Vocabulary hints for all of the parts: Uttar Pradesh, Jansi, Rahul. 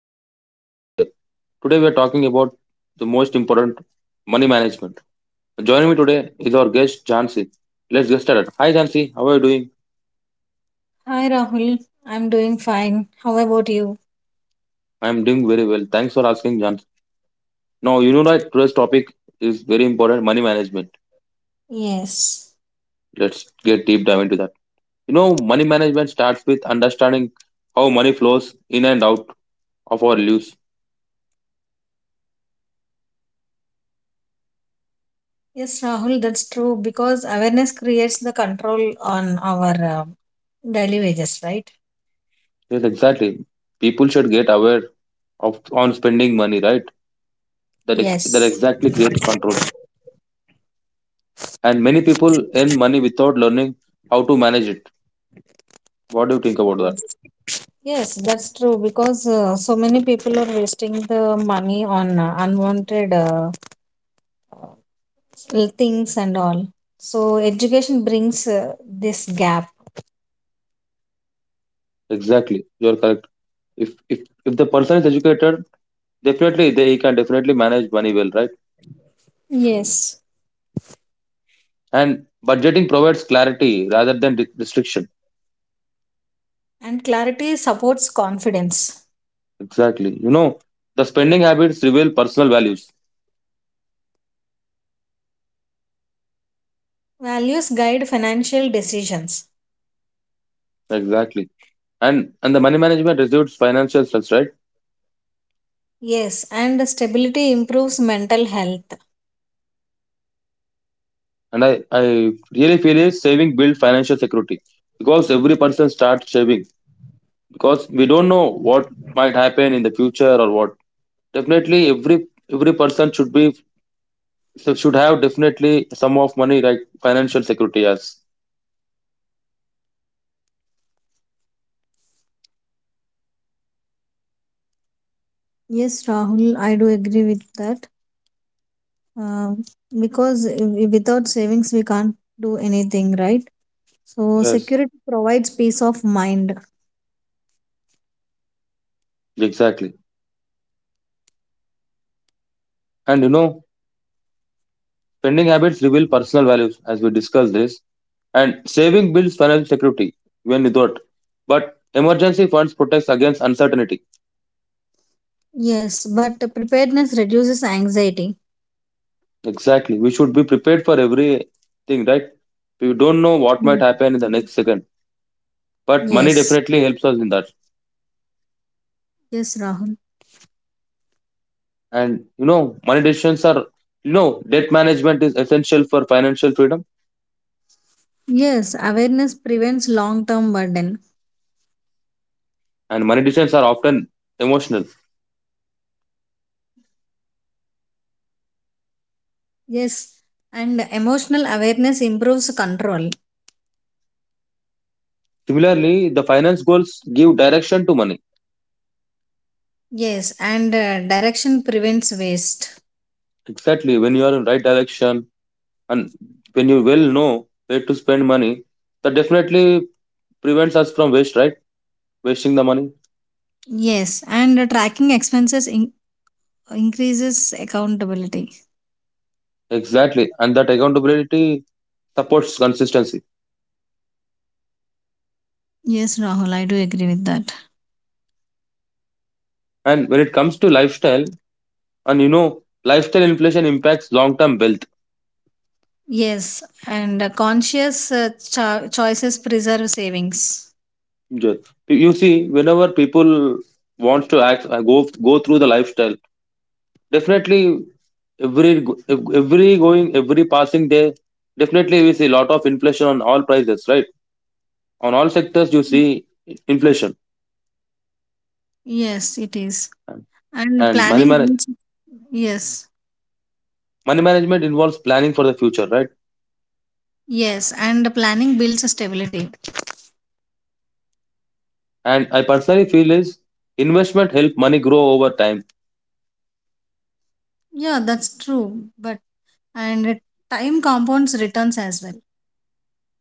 I'm your host Rahul here. Today we are talking about the most important money management. Joining me today is our guest Jansi. Let's get started. Hi Jansi, how are you doing? Hi Rahul, I'm doing fine. How about you? I'm doing very well. Thanks for asking Jansi. Now you know that today's topic is very important money management. Yes. Let's get deep dive into that. You know, money management starts with understanding how money flows in and out of our lives. Yes, Rahul, that's true because awareness creates the control on our daily wages, right? Yes, exactly. People should get aware of on spending money, right? that Yes. that exactly create control. And many people earn money without learning how to manage it. What do you think about that? Yes, yes, that's true because so many people are wasting the money on unwanted things and all. So education brings this gap. Exactly, you are correct. If if if the person is educated, definitely they he can definitely manage money well, right? Yes. And budgeting provides clarity rather than restriction. And clarity supports confidence. Exactly. You know, the spending habits reveal personal values. Values guide financial decisions. Exactly. And the money management reduces financial stress, right? Yes, and stability improves mental health. And I really feel is saving build financial security because every person starts saving because we don't know what might happen in the future or what definitely every person should be so should have definitely some of money like financial security yes. Yes, Rahul, I do agree with that. Um, because without savings, we can't do anything, right? So, Yes, security provides peace of mind. exactly. And you know spending habits reveal personal values as we discussed this and saving builds financial security when you do thought but emergency funds protects against uncertainty. Yes, but preparedness reduces anxiety. Exactly, we should be prepared for everything, right? We don't know what Yes, might happen in the next second but money yes. definitely helps us in that. Yes, Rahul. And you know money decisions are, you know, debt management is essential for financial freedom. Yes, awareness prevents long term burden. And money decisions are often emotional. Yes, and emotional awareness improves control. Similarly, the finance goals give direction to money. Yes, and direction prevents waste. Exactly, when you are in right direction and when you well know where to spend money, that definitely prevents us from waste, right? Wasting the money. Yes, and tracking increases accountability. Exactly. And that accountability supports consistency. Yes, Rahul, I do agree with that. And when it comes to lifestyle, and you know lifestyle inflation impacts long term wealth. Yes, and conscious choices preserve savings. Yes. You see, whenever people wants to act, go through the lifestyle. Definitely, every every going, every passing day, definitely we see a lot of inflation on all prices, right? On all sectors, you see inflation, Yes, it is. And and money planning manage builds. Yes, money management involves planning for the future, right? yes, and planning builds stability. And I personally feel is investment help money grow over time. Yeah, that's true. But and time compounds returns as well.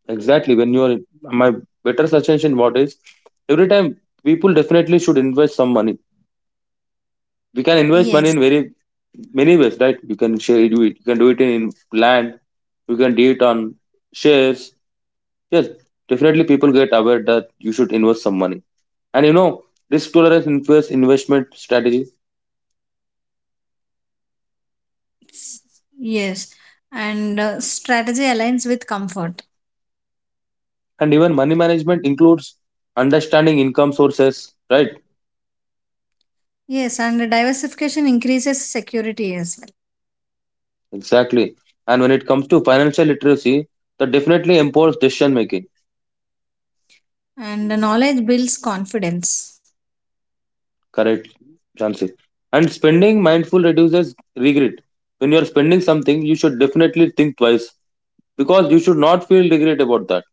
Exactly, when you are my better suggestion, what is every time people definitely should invest some money. We can invest Yes, money in very many ways, right? You can share do it. You can do it in land. You can do it on shares. Yes, definitely people get aware that you should invest some money. And you know, risk tolerance influence investment strategy yes, and strategy aligns with comfort. and even money management includes understanding income sources, right? Yes, and diversification increases security as Exactly. And when it comes to financial literacy, that definitely empowers decision making. well. And the knowledge builds confidence. Correct, Jansi. And spending mindful reduces regret. When you are spending something, you should definitely think twice because you should not feel regret about that.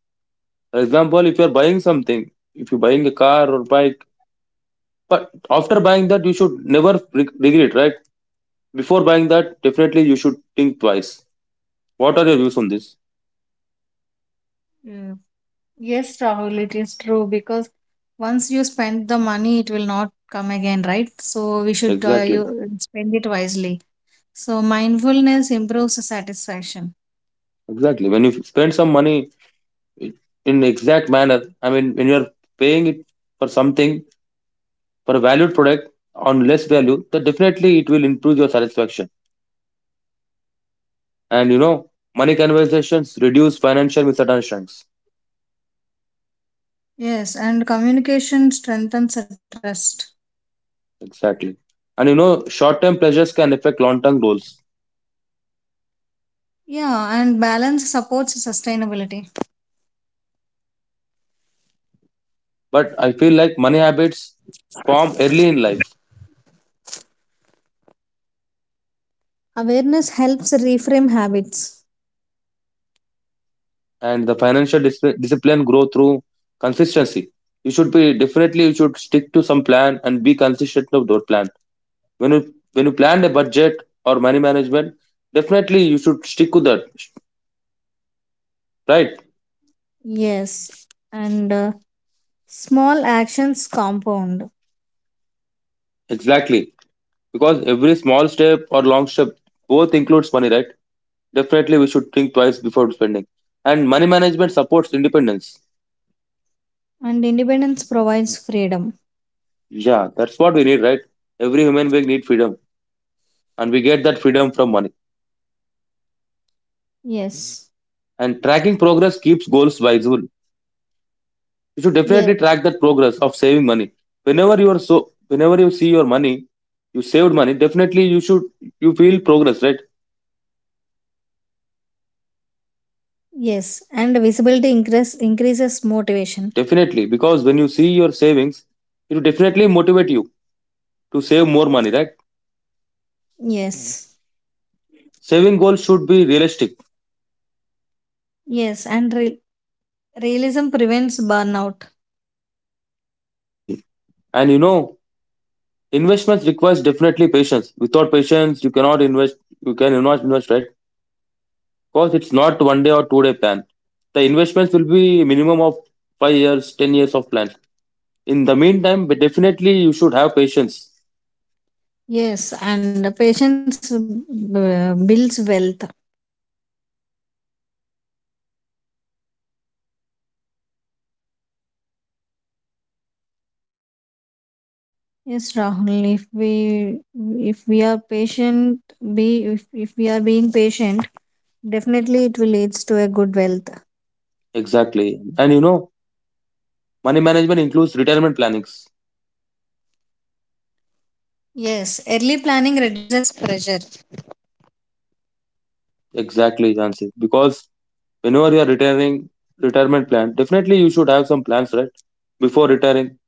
For example, if you are buying something, if you're buying a car or bike, but after buying that, you should never regret, right? Before buying that, definitely you should think twice. What are your views on this? Yeah. Yes, Rahul, it is true because once you spend the money, it will not come again, right? So we should you Exactly, spend it wisely. So mindfulness improves the satisfaction. exactly. When you spend some money in exact manner, I mean, when you are paying it for something, for a valued product on less value, then definitely it will improve your satisfaction. And you know, money conversations reduce financial misunderstandings. Yes, and communication strengthens the trust. Exactly. And you know, short term pleasures can affect long term goals. Yeah, and balance supports sustainability. But I feel like money habits form early in life Awareness helps reframe habits. and the financial discipline grow through consistency. You should be definitely you should stick to some plan and be consistent of that plan. When you plan a budget or money management, definitely you should stick to that. Right? Yes, and small actions compound, Exactly. Because every small step or long step both includes money, right? Definitely we should think twice before spending. And money management supports independence. and independence provides freedom. Yeah, that's what we need, right? Every human being need freedom. And we get that freedom from money. Yes, And tracking progress keeps goals visible. You should definitely yes, track that progress of saving money. Whenever you are so whenever you see your money, you saved money, definitely you should you feel progress, right? yes, and increases motivation. Definitely. Because when you see your savings, it will definitely motivate you to save more money, right? Yes, Saving goals should be realistic. yes, and realism prevents burnout. Exactly. And you know, investments requires definitely patience. Without patience, you cannot invest. You can not invest, right? Because it's not one day or 2 day plan. The investments will be minimum of 5 years, 10 years of plan. In the meantime, but definitely you should have patience. Yes, and patience builds wealth. Yes, Rahul, if we are patient, be if we are being patient, definitely it will leads to a good wealth. Exactly. And you know, money management includes retirement plannings. Yes, early planning reduces pressure. Exactly, Jansi. Because whenever you are retiring, retirement plan, definitely you should have some plans, right? Before retiring,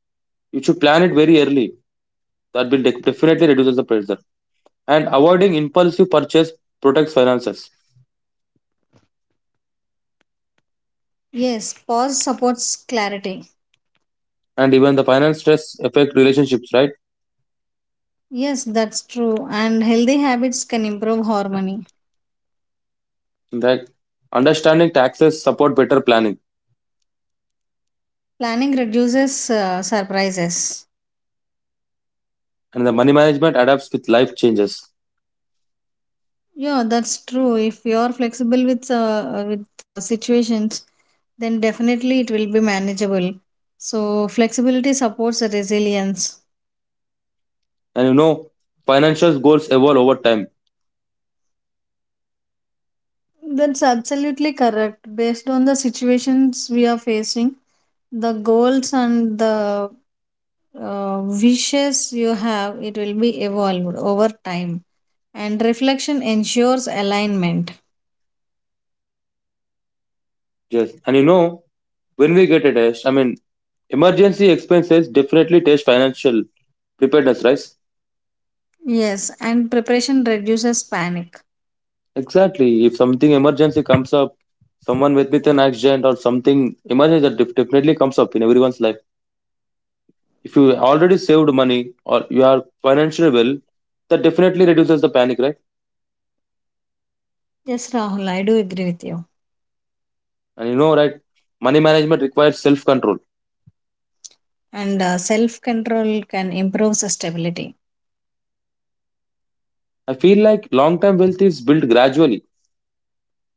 you should plan it very early that will definitely reduces the pressure. And avoiding impulsive purchase protects finances Yes, pause supports clarity. and even the finance stress affect relationships, right? Yes, that's true. And healthy habits can improve harmony. In fact, understanding taxes support better planning Planning reduces surprises. and the money management adapts with life changes. Yeah, that's true. If you are flexible with situations, then definitely it will be manageable. So flexibility supports resilience. And you know, financial goals evolve over time. That's absolutely correct. Based on the situations we are facing, the goals and the wishes you have, it will be evolved over time. And reflection ensures alignment. Yes. And you know, when we get a test, I mean, emergency expenses definitely test financial preparedness, right? Yes, and preparation reduces panic. Exactly. If something emergency comes up, someone with an accident or something emergency that definitely comes up in everyone's life if you already saved money or you are financially well, that definitely reduces the panic, right? Yes, Rahul, I do agree with you. And you know, right, money management requires self control. And self control can improve stability. I feel like long term wealth is built gradually.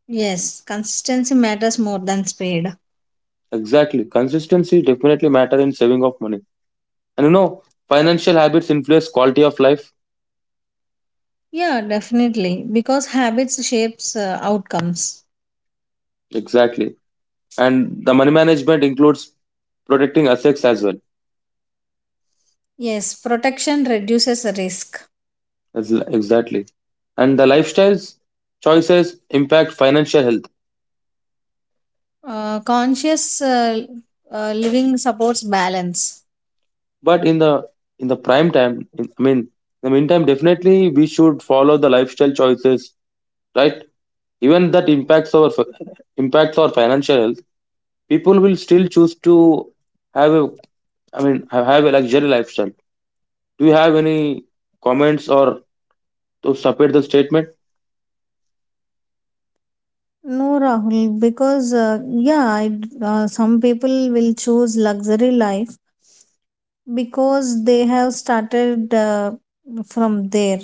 Yes, consistency matters more than speed. Exactly. Consistency definitely matter in saving of money. And you know, financial habits influence quality of life. Yeah, definitely, because habits shapes outcomes. Exactly. And the money management includes protecting assets as well. Yes, protection reduces risk. Exactly. And the lifestyles choices impact financial health. Conscious living supports balance. But in the prime time, in, I mean, in the meantime, definitely we should follow the lifestyle choices, right? Even that impacts our impacts our financial health. People will still choose to have a, I mean, have a luxury lifestyle. Do you have any comments or to support the statement? No, Rahul, because yeah, some people will choose luxury life because they have started from there.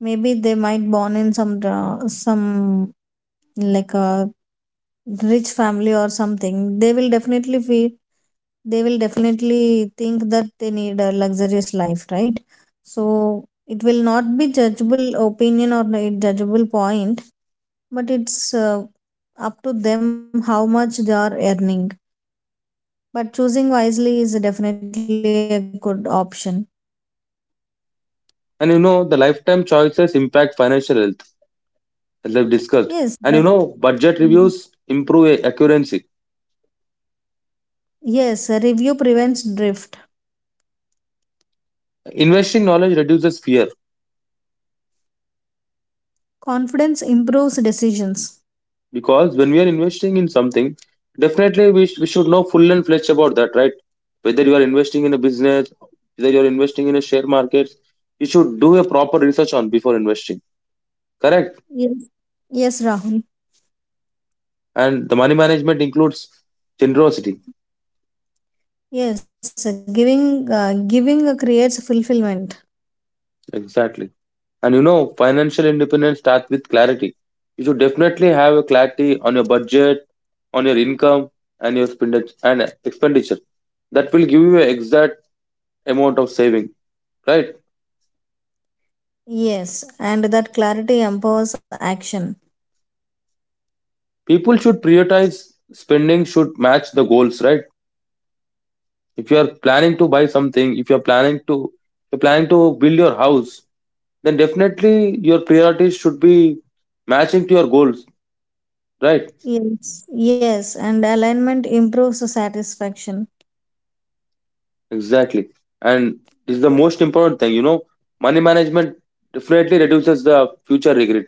Maybe they might born in some like a rich family or something. They will definitely feel they will definitely think that they need a luxurious life, right? So it will not be judgeable opinion or a judgeable point, but it's up to them how much they are earning. But choosing wisely is definitely a good option. And you know, the lifetime choices impact financial health, as I've discussed. Yes, but And you know, budget reviews improve accuracy. yes, a review prevents drift. Investing knowledge reduces fear. Confidence improves decisions. Because when we are investing in something, definitely we, we should know full and fledged about that, right? Whether you are investing in a business, whether you are investing in a share market, you should do a proper research on before investing. Correct. Yes, yes, Rahul. And the money management includes generosity. Yes, giving creates fulfillment. Exactly. And you know financial independence starts with clarity. You should definitely have a clarity on your budget, on your income and your spend and expenditure. That will give you an exact amount of saving, right? Yes, and that clarity empowers action. People should prioritize spending should match the goals, right? If you are planning to buy something, if you are planning to you're planning to build your house, then definitely your priorities should be matching to your goals, right? Yes, yes, and alignment improves satisfaction. Exactly. And this is the most important thing, you know, money management definitely reduces the future regret.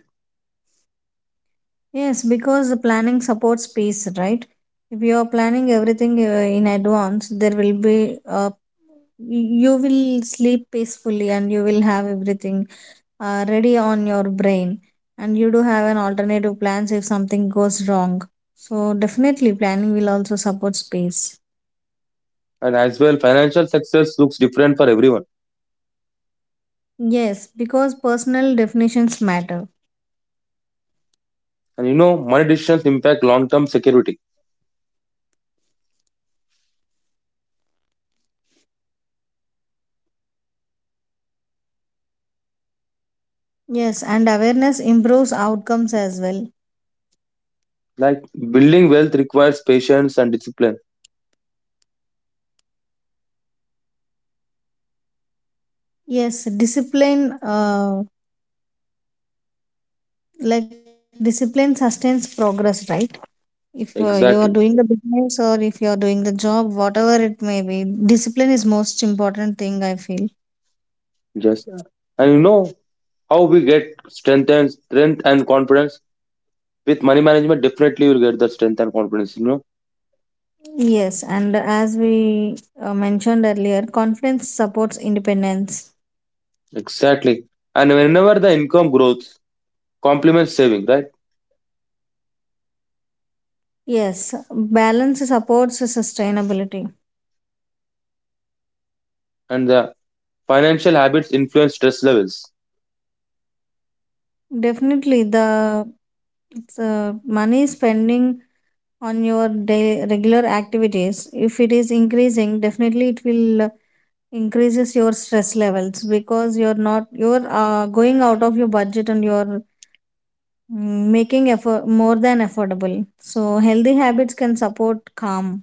Yes, because the planning supports peace, right? If you are planning everything in advance, there will be you will sleep peacefully and you will have everything ready on your brain, and you do have an alternative plans if something goes wrong. So definitely, planning will also support peace. And as well financial success looks different for everyone. Yes, because personal definitions matter. And you know money decisions impact long term security Yes, and awareness improves outcomes as well. like building wealth requires patience and discipline. Yes, discipline. Like discipline sustains progress, right? If you are doing the Exactly. business or if you are doing the job, whatever it may be, discipline is most important thing I feel. Yes. And you know how we get strength and strength and confidence with money management. Definitely, you'll get the strength and confidence. You know, Yes, and as we mentioned earlier, confidence supports independence. exactly. And whenever the income growth complements saving, right? Yes, balance supports sustainability. And the financial habits influence stress levels. Definitely, the money spending on your day, regular activities, if it is increasing, definitely it will increases your stress levels because you're not you're going out of your budget and you're making effort more than affordable, so healthy habits can support calm.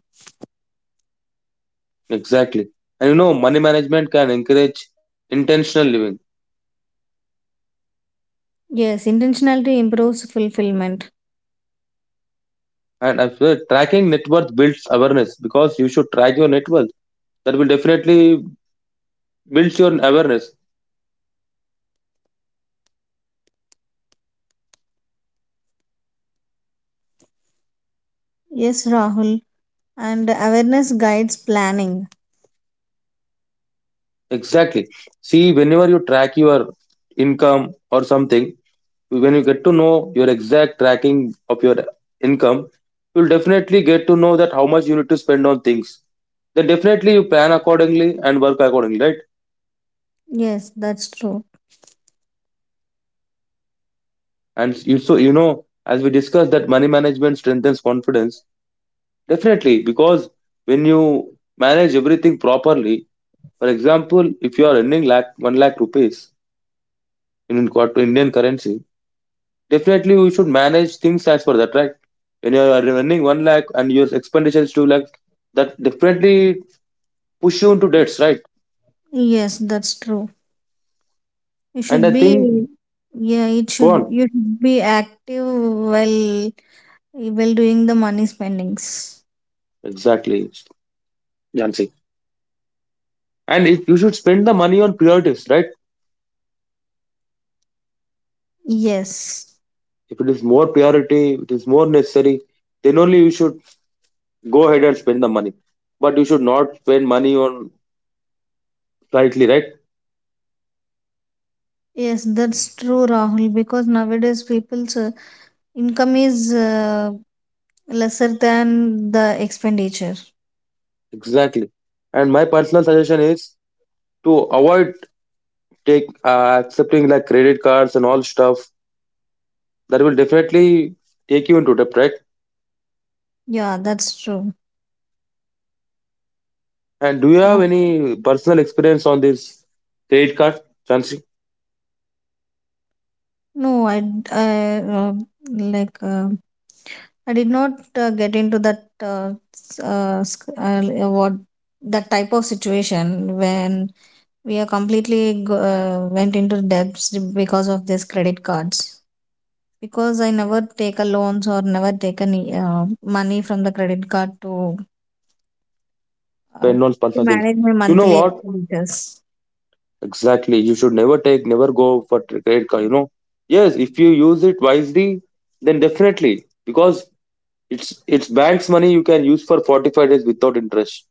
Exactly. And you know, money management can encourage intentional living. Yes, intentionality improves fulfillment. And I feel tracking net worth builds awareness because you should track your net worth. That will definitely builds your awareness. Yes, Rahul, and awareness guides planning. Exactly. See, whenever you track your income or something, when you get to know your exact tracking of your income, you'll definitely get to know that how much you need to spend on things. Then definitely you plan accordingly and work accordingly, right? Yes, that's true. And you so you know, as we discussed that money management strengthens confidence. Definitely, because when you manage everything properly, for example, if you are earning lakh one lakh rupees in Indian currency, definitely we should manage things as per that, right? When you are running one lakh and your expenditure is two lakh, that definitely push you into debts, right? Yes, that's true. You And should I be. think, Yeah, it go should, on. you should be active while doing the money spendings. Exactly, Jansi. And if you should spend the money on priorities, right? Yes. If it is more priority, it is more necessary, then only you should go ahead and spend the money. But you should not spend money on slightly, right? Yes, that's true, Rahul, because nowadays people's income is lesser than the expenditure. Exactly. And my personal suggestion is to avoid take accepting like credit cards and all stuff that will definitely take you into debt, right? Yeah, that's true. And do you have But- any personal experience on this credit card, Chansi? No, I, d- I, like I did not get into that s- sc- l- what that type of situation when we are went into debts because of these credit cards. Because I never take a loans or never take any money from the credit card uh, Spend on to personal things. manage my You know monthly what? expenditures. Exactly. You should never take, never go for tr- credit card. You know, yes, if you use it wisely, then definitely because it's bank's money you can use for 45 days without interest.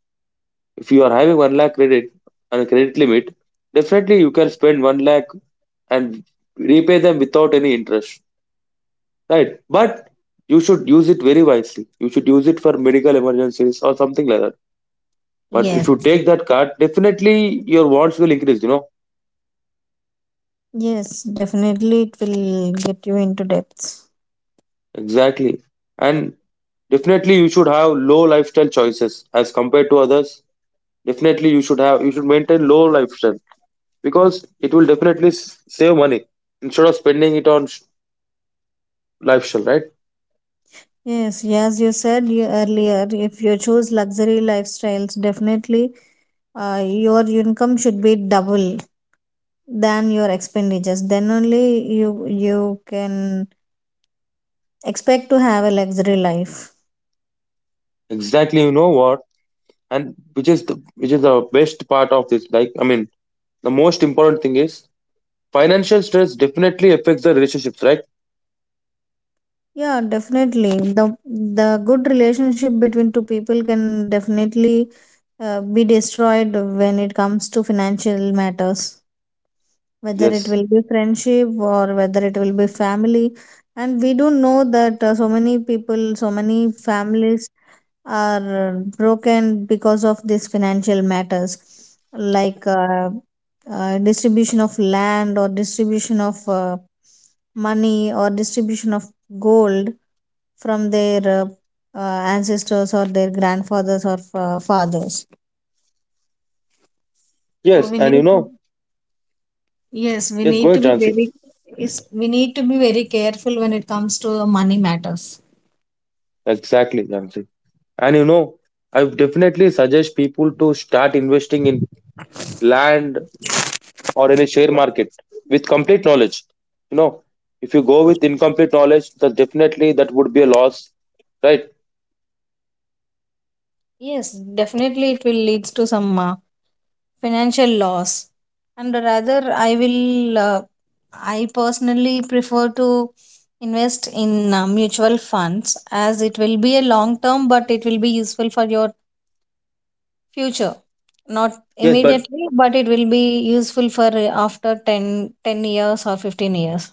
If you are having one lakh credit and a credit limit, definitely you can spend one lakh and repay them without any interest. Right. But you should use it very wisely. You should use it for medical emergencies or something like that. But if Yes. you take that card, definitely your wants will increase, you know? Yes, definitely it will get you into debts. Exactly. And definitely you should have low lifestyle choices as compared to others. Definitely you should maintain low lifestyle because it will definitely save money instead of spending it on sh- lifestyle, right? Yes, as you said earlier, if you choose luxury lifestyles, definitely your income should be double than your expenditures. Then only you you can expect to have a luxury life. Exactly, you know what? And which is the best part of this? Like, I mean, the most important thing is financial stress definitely affects the relationships, right? Yeah, definitely. The the good relationship between two people can definitely be destroyed when it comes to financial matters, whether it Yes. will be friendship or whether it will be family, and we do know that so many people, so many families are broken because of these financial matters, like distribution of land or distribution of money or distribution of gold from their uh, ancestors or their grandfathers or fathers, so Yes. we And need you to. know, Yes, we yes, go need to ahead, be Jansi. very is we need to be very careful when it comes to the money matters. Exactly, Jansi. And you know, I would definitely suggest people to start investing in land or in a share market with complete knowledge. You know, if you go with incomplete knowledge, that definitely that would be a loss, right? Yes, definitely it will leads to some financial loss. And rather I personally prefer to invest in mutual funds as it will be a long term but it will be useful for your future. Not Yes, but immediately but it will be useful for after 10 10 years or 15 years.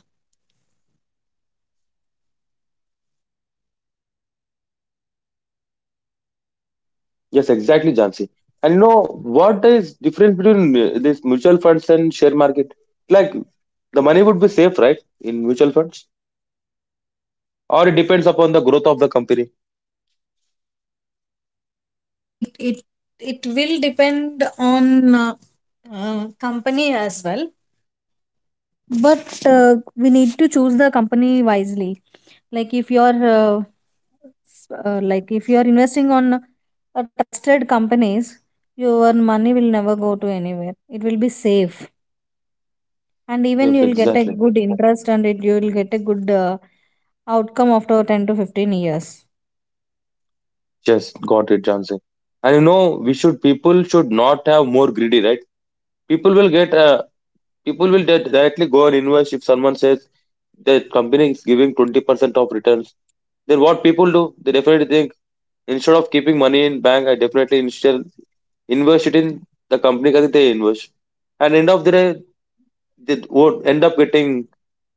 yes, exactly, Jansi. And you know, what is difference between these mutual funds and share market? Like the money would be safe, right? In mutual funds, or it depends upon the growth of the company. it it it will depend on company as well, but we need to choose the company wisely, like if like if you're investing on a trusted companies, your money will never go to anywhere, it will be safe, and even Yep, you'll get a exactly. good interest and it you'll get a good outcome after 10 to 15 years. Just got it, Jansi. And you know, we should people should not have more greedy, right? People will get uh, directly go and invest if someone says the company is giving 20% of returns. Then what people do? They definitely think instead of keeping money in bank, I definitely instead invest it in the company that they invest. And end of the day, they would end up getting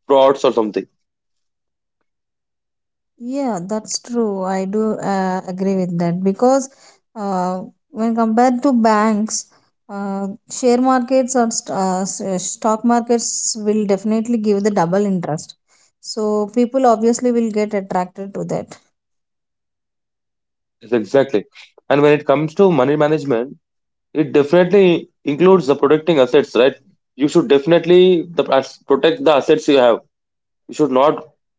frauds or something. Yeah, that's true. I do agree with that because uh, when compared to banks, share markets or stock markets will definitely give the double interest. So people obviously will get attracted to that. Yes, exactly. And when it comes to money management, it definitely includes the protecting assets, right? You should definitely protect the assets you have. You should not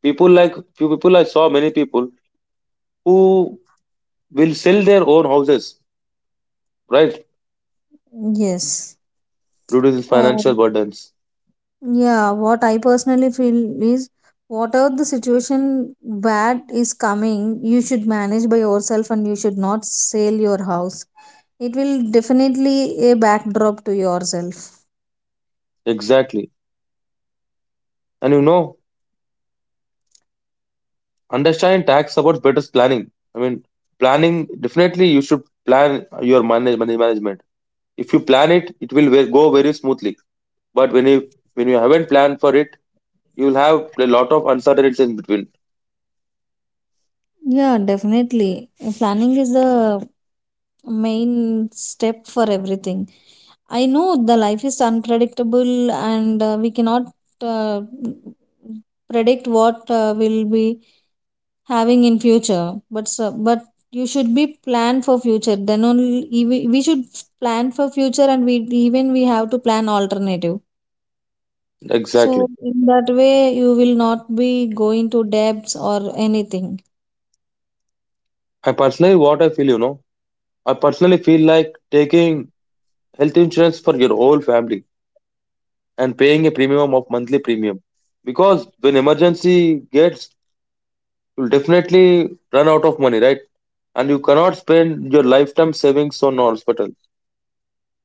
people like few people I saw many people who will sell their own houses, right? Yes. Due to Uh, financial burdens. Yeah, what I personally feel is whatever the situation bad is coming, you should manage by yourself and you should not sell your house. It will definitely a backdrop to yourself. Exactly. And you know, understanding tax supports better planning. I mean, planning definitely you should plan your money management. If you plan it, go very smoothly. But when you haven't planned for it, you will have a lot of uncertainties in between. Yeah, definitely. Planning is the main step for everything. I know the life is unpredictable and we cannot uh, predict what will be having in future but so, but you should be plan for future, then only we should plan for future and we even we have to plan alternative, so Exactly. in that way you will not be going to debts or anything. I personally, what I feel, you know, I personally feel like taking health insurance for your whole family and paying a premium of monthly premium because when emergency gets, you'll definitely run out of money, right? And you cannot spend your lifetime savings on hospital.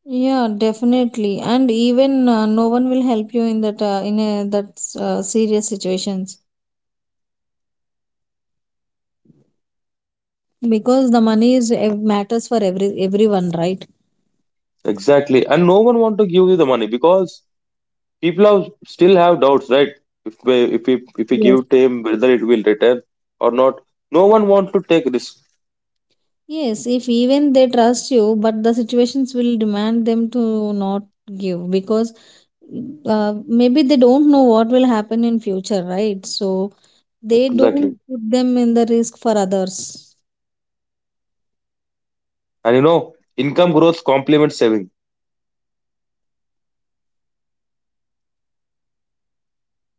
Yeah, definitely, and even no one will help you in that that serious situations, because the money is matters for everyone, right? Exactly. And no one want to give you the money because still have doubts, right? If we Yes. give to them whether it will return or not, no one want to take risk. Yes, if even they trust you, but the situations will demand them to not give because maybe they don't know what will happen in future, right? So they Exactly. don't put them in the risk for others. And you know, income growth complements saving.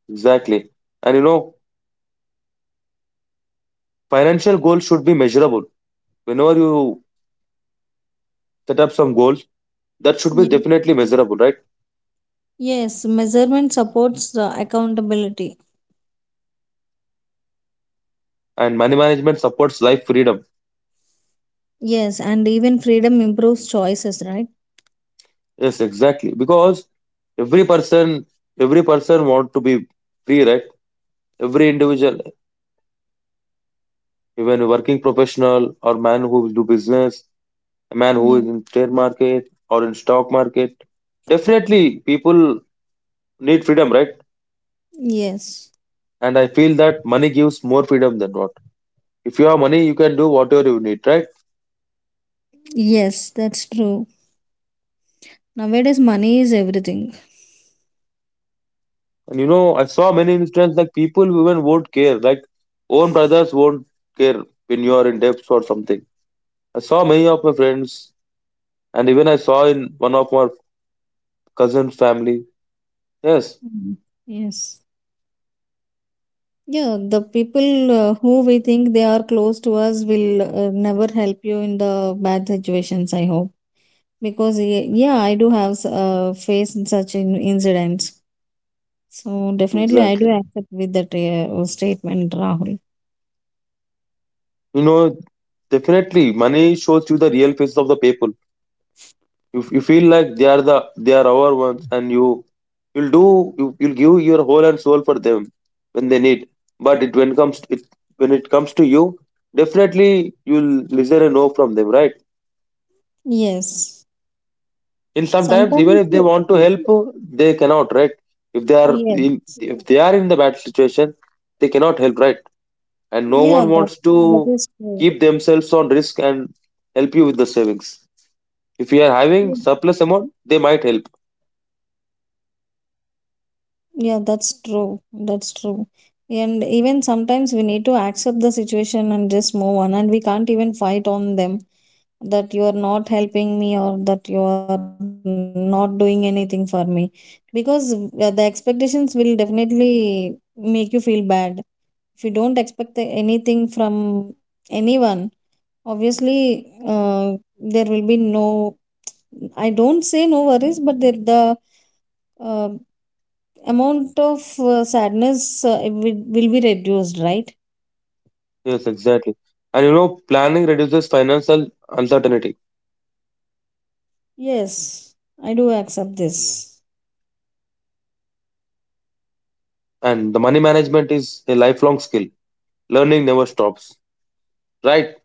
Exactly. And you know, financial goals should be measurable. Whenever you set up some goals, that should be Yes, definitely measurable, right? yes, measurement supports accountability. And money management supports life freedom. Yes, and even freedom improves choices, right? Yes, exactly. Because every person, every person want to be free, right? Every individual, even a working professional or man who do business, a man who Yeah. is in trade market or in stock market, definitely people need freedom, right? Yes. And I feel that money gives more freedom than what. If you have money, you can do whatever you need, right? Yes, that's true. Nowadays, money is everything. And you know, I saw many instances like people who even won't care, like own brothers won't care when you are in debt or something. I saw many of my friends, and even I saw in one of my cousin's family. Yes, Mm. Yes. Yeah, the people who we think they are close to us will never help you in the bad situations, I hope. Because, yeah, I do have faced such incidents. So, definitely, I do exactly. accept with that statement, Rahul. You know, definitely, money shows you the real faces of the people. You feel like they are our ones and you'll do you'll give your whole and soul for them when they need, but it when comes to it when it comes to you, definitely you'll listen a no from them, right? Yes. And sometimes even Sometimes, if they want to help, they cannot, right? if they are yeah, in if they are in the bad situation, they cannot help, right? And no yeah, one wants to that is true. keep themselves on risk and help you with the savings. If you are having surplus amount, they might help. Yeah, that's true. That's true. And even sometimes we need to accept the situation and just move on, and we can't even fight on them that you are not helping me or that you are not doing anything for me, because the expectations will definitely make you feel bad. If you don't expect anything from anyone, obviously, there will be no, I don't say no worries, but there, the uh, amount of sadness, it will be reduced, right? Yes, exactly. And you know, planning reduces financial uncertainty, Yes, I do accept this. and the money management is a lifelong skill. Learning never stops. Right?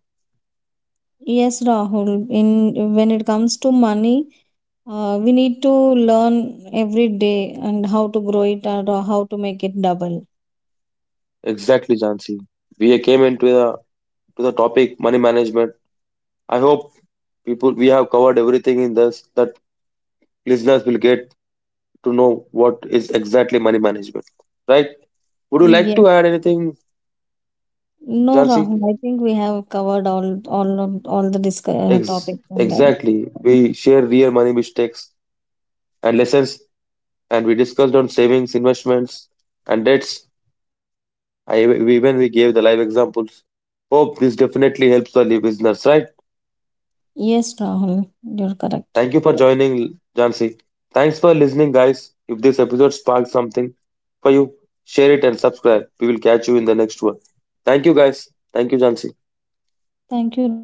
Yes, Rahul, in when it comes to money, we need to learn every day and how to grow it and how to make it double. Exactly, Jansi. We came into the to the topic money management. I hope people we have covered everything in this, that listeners will get to know what is exactly money management. Right? Would you like Yes. to add anything, No, Jansi? Rahul, I think we have covered all all the topics and all. Exactly. We share real money mistakes and lessons, and we discussed on savings, investments, and debts. I we- even we gave the live examples. Hope this definitely helps the listeners, right? Yes, Rahul, you're correct. Thank you for joining, Jansi. Thanks for listening, guys. If this episode sparked something for you, share it and subscribe. We will catch you in the next one. Thank you, guys. Thank you, Jansi. Thank you, Rahul.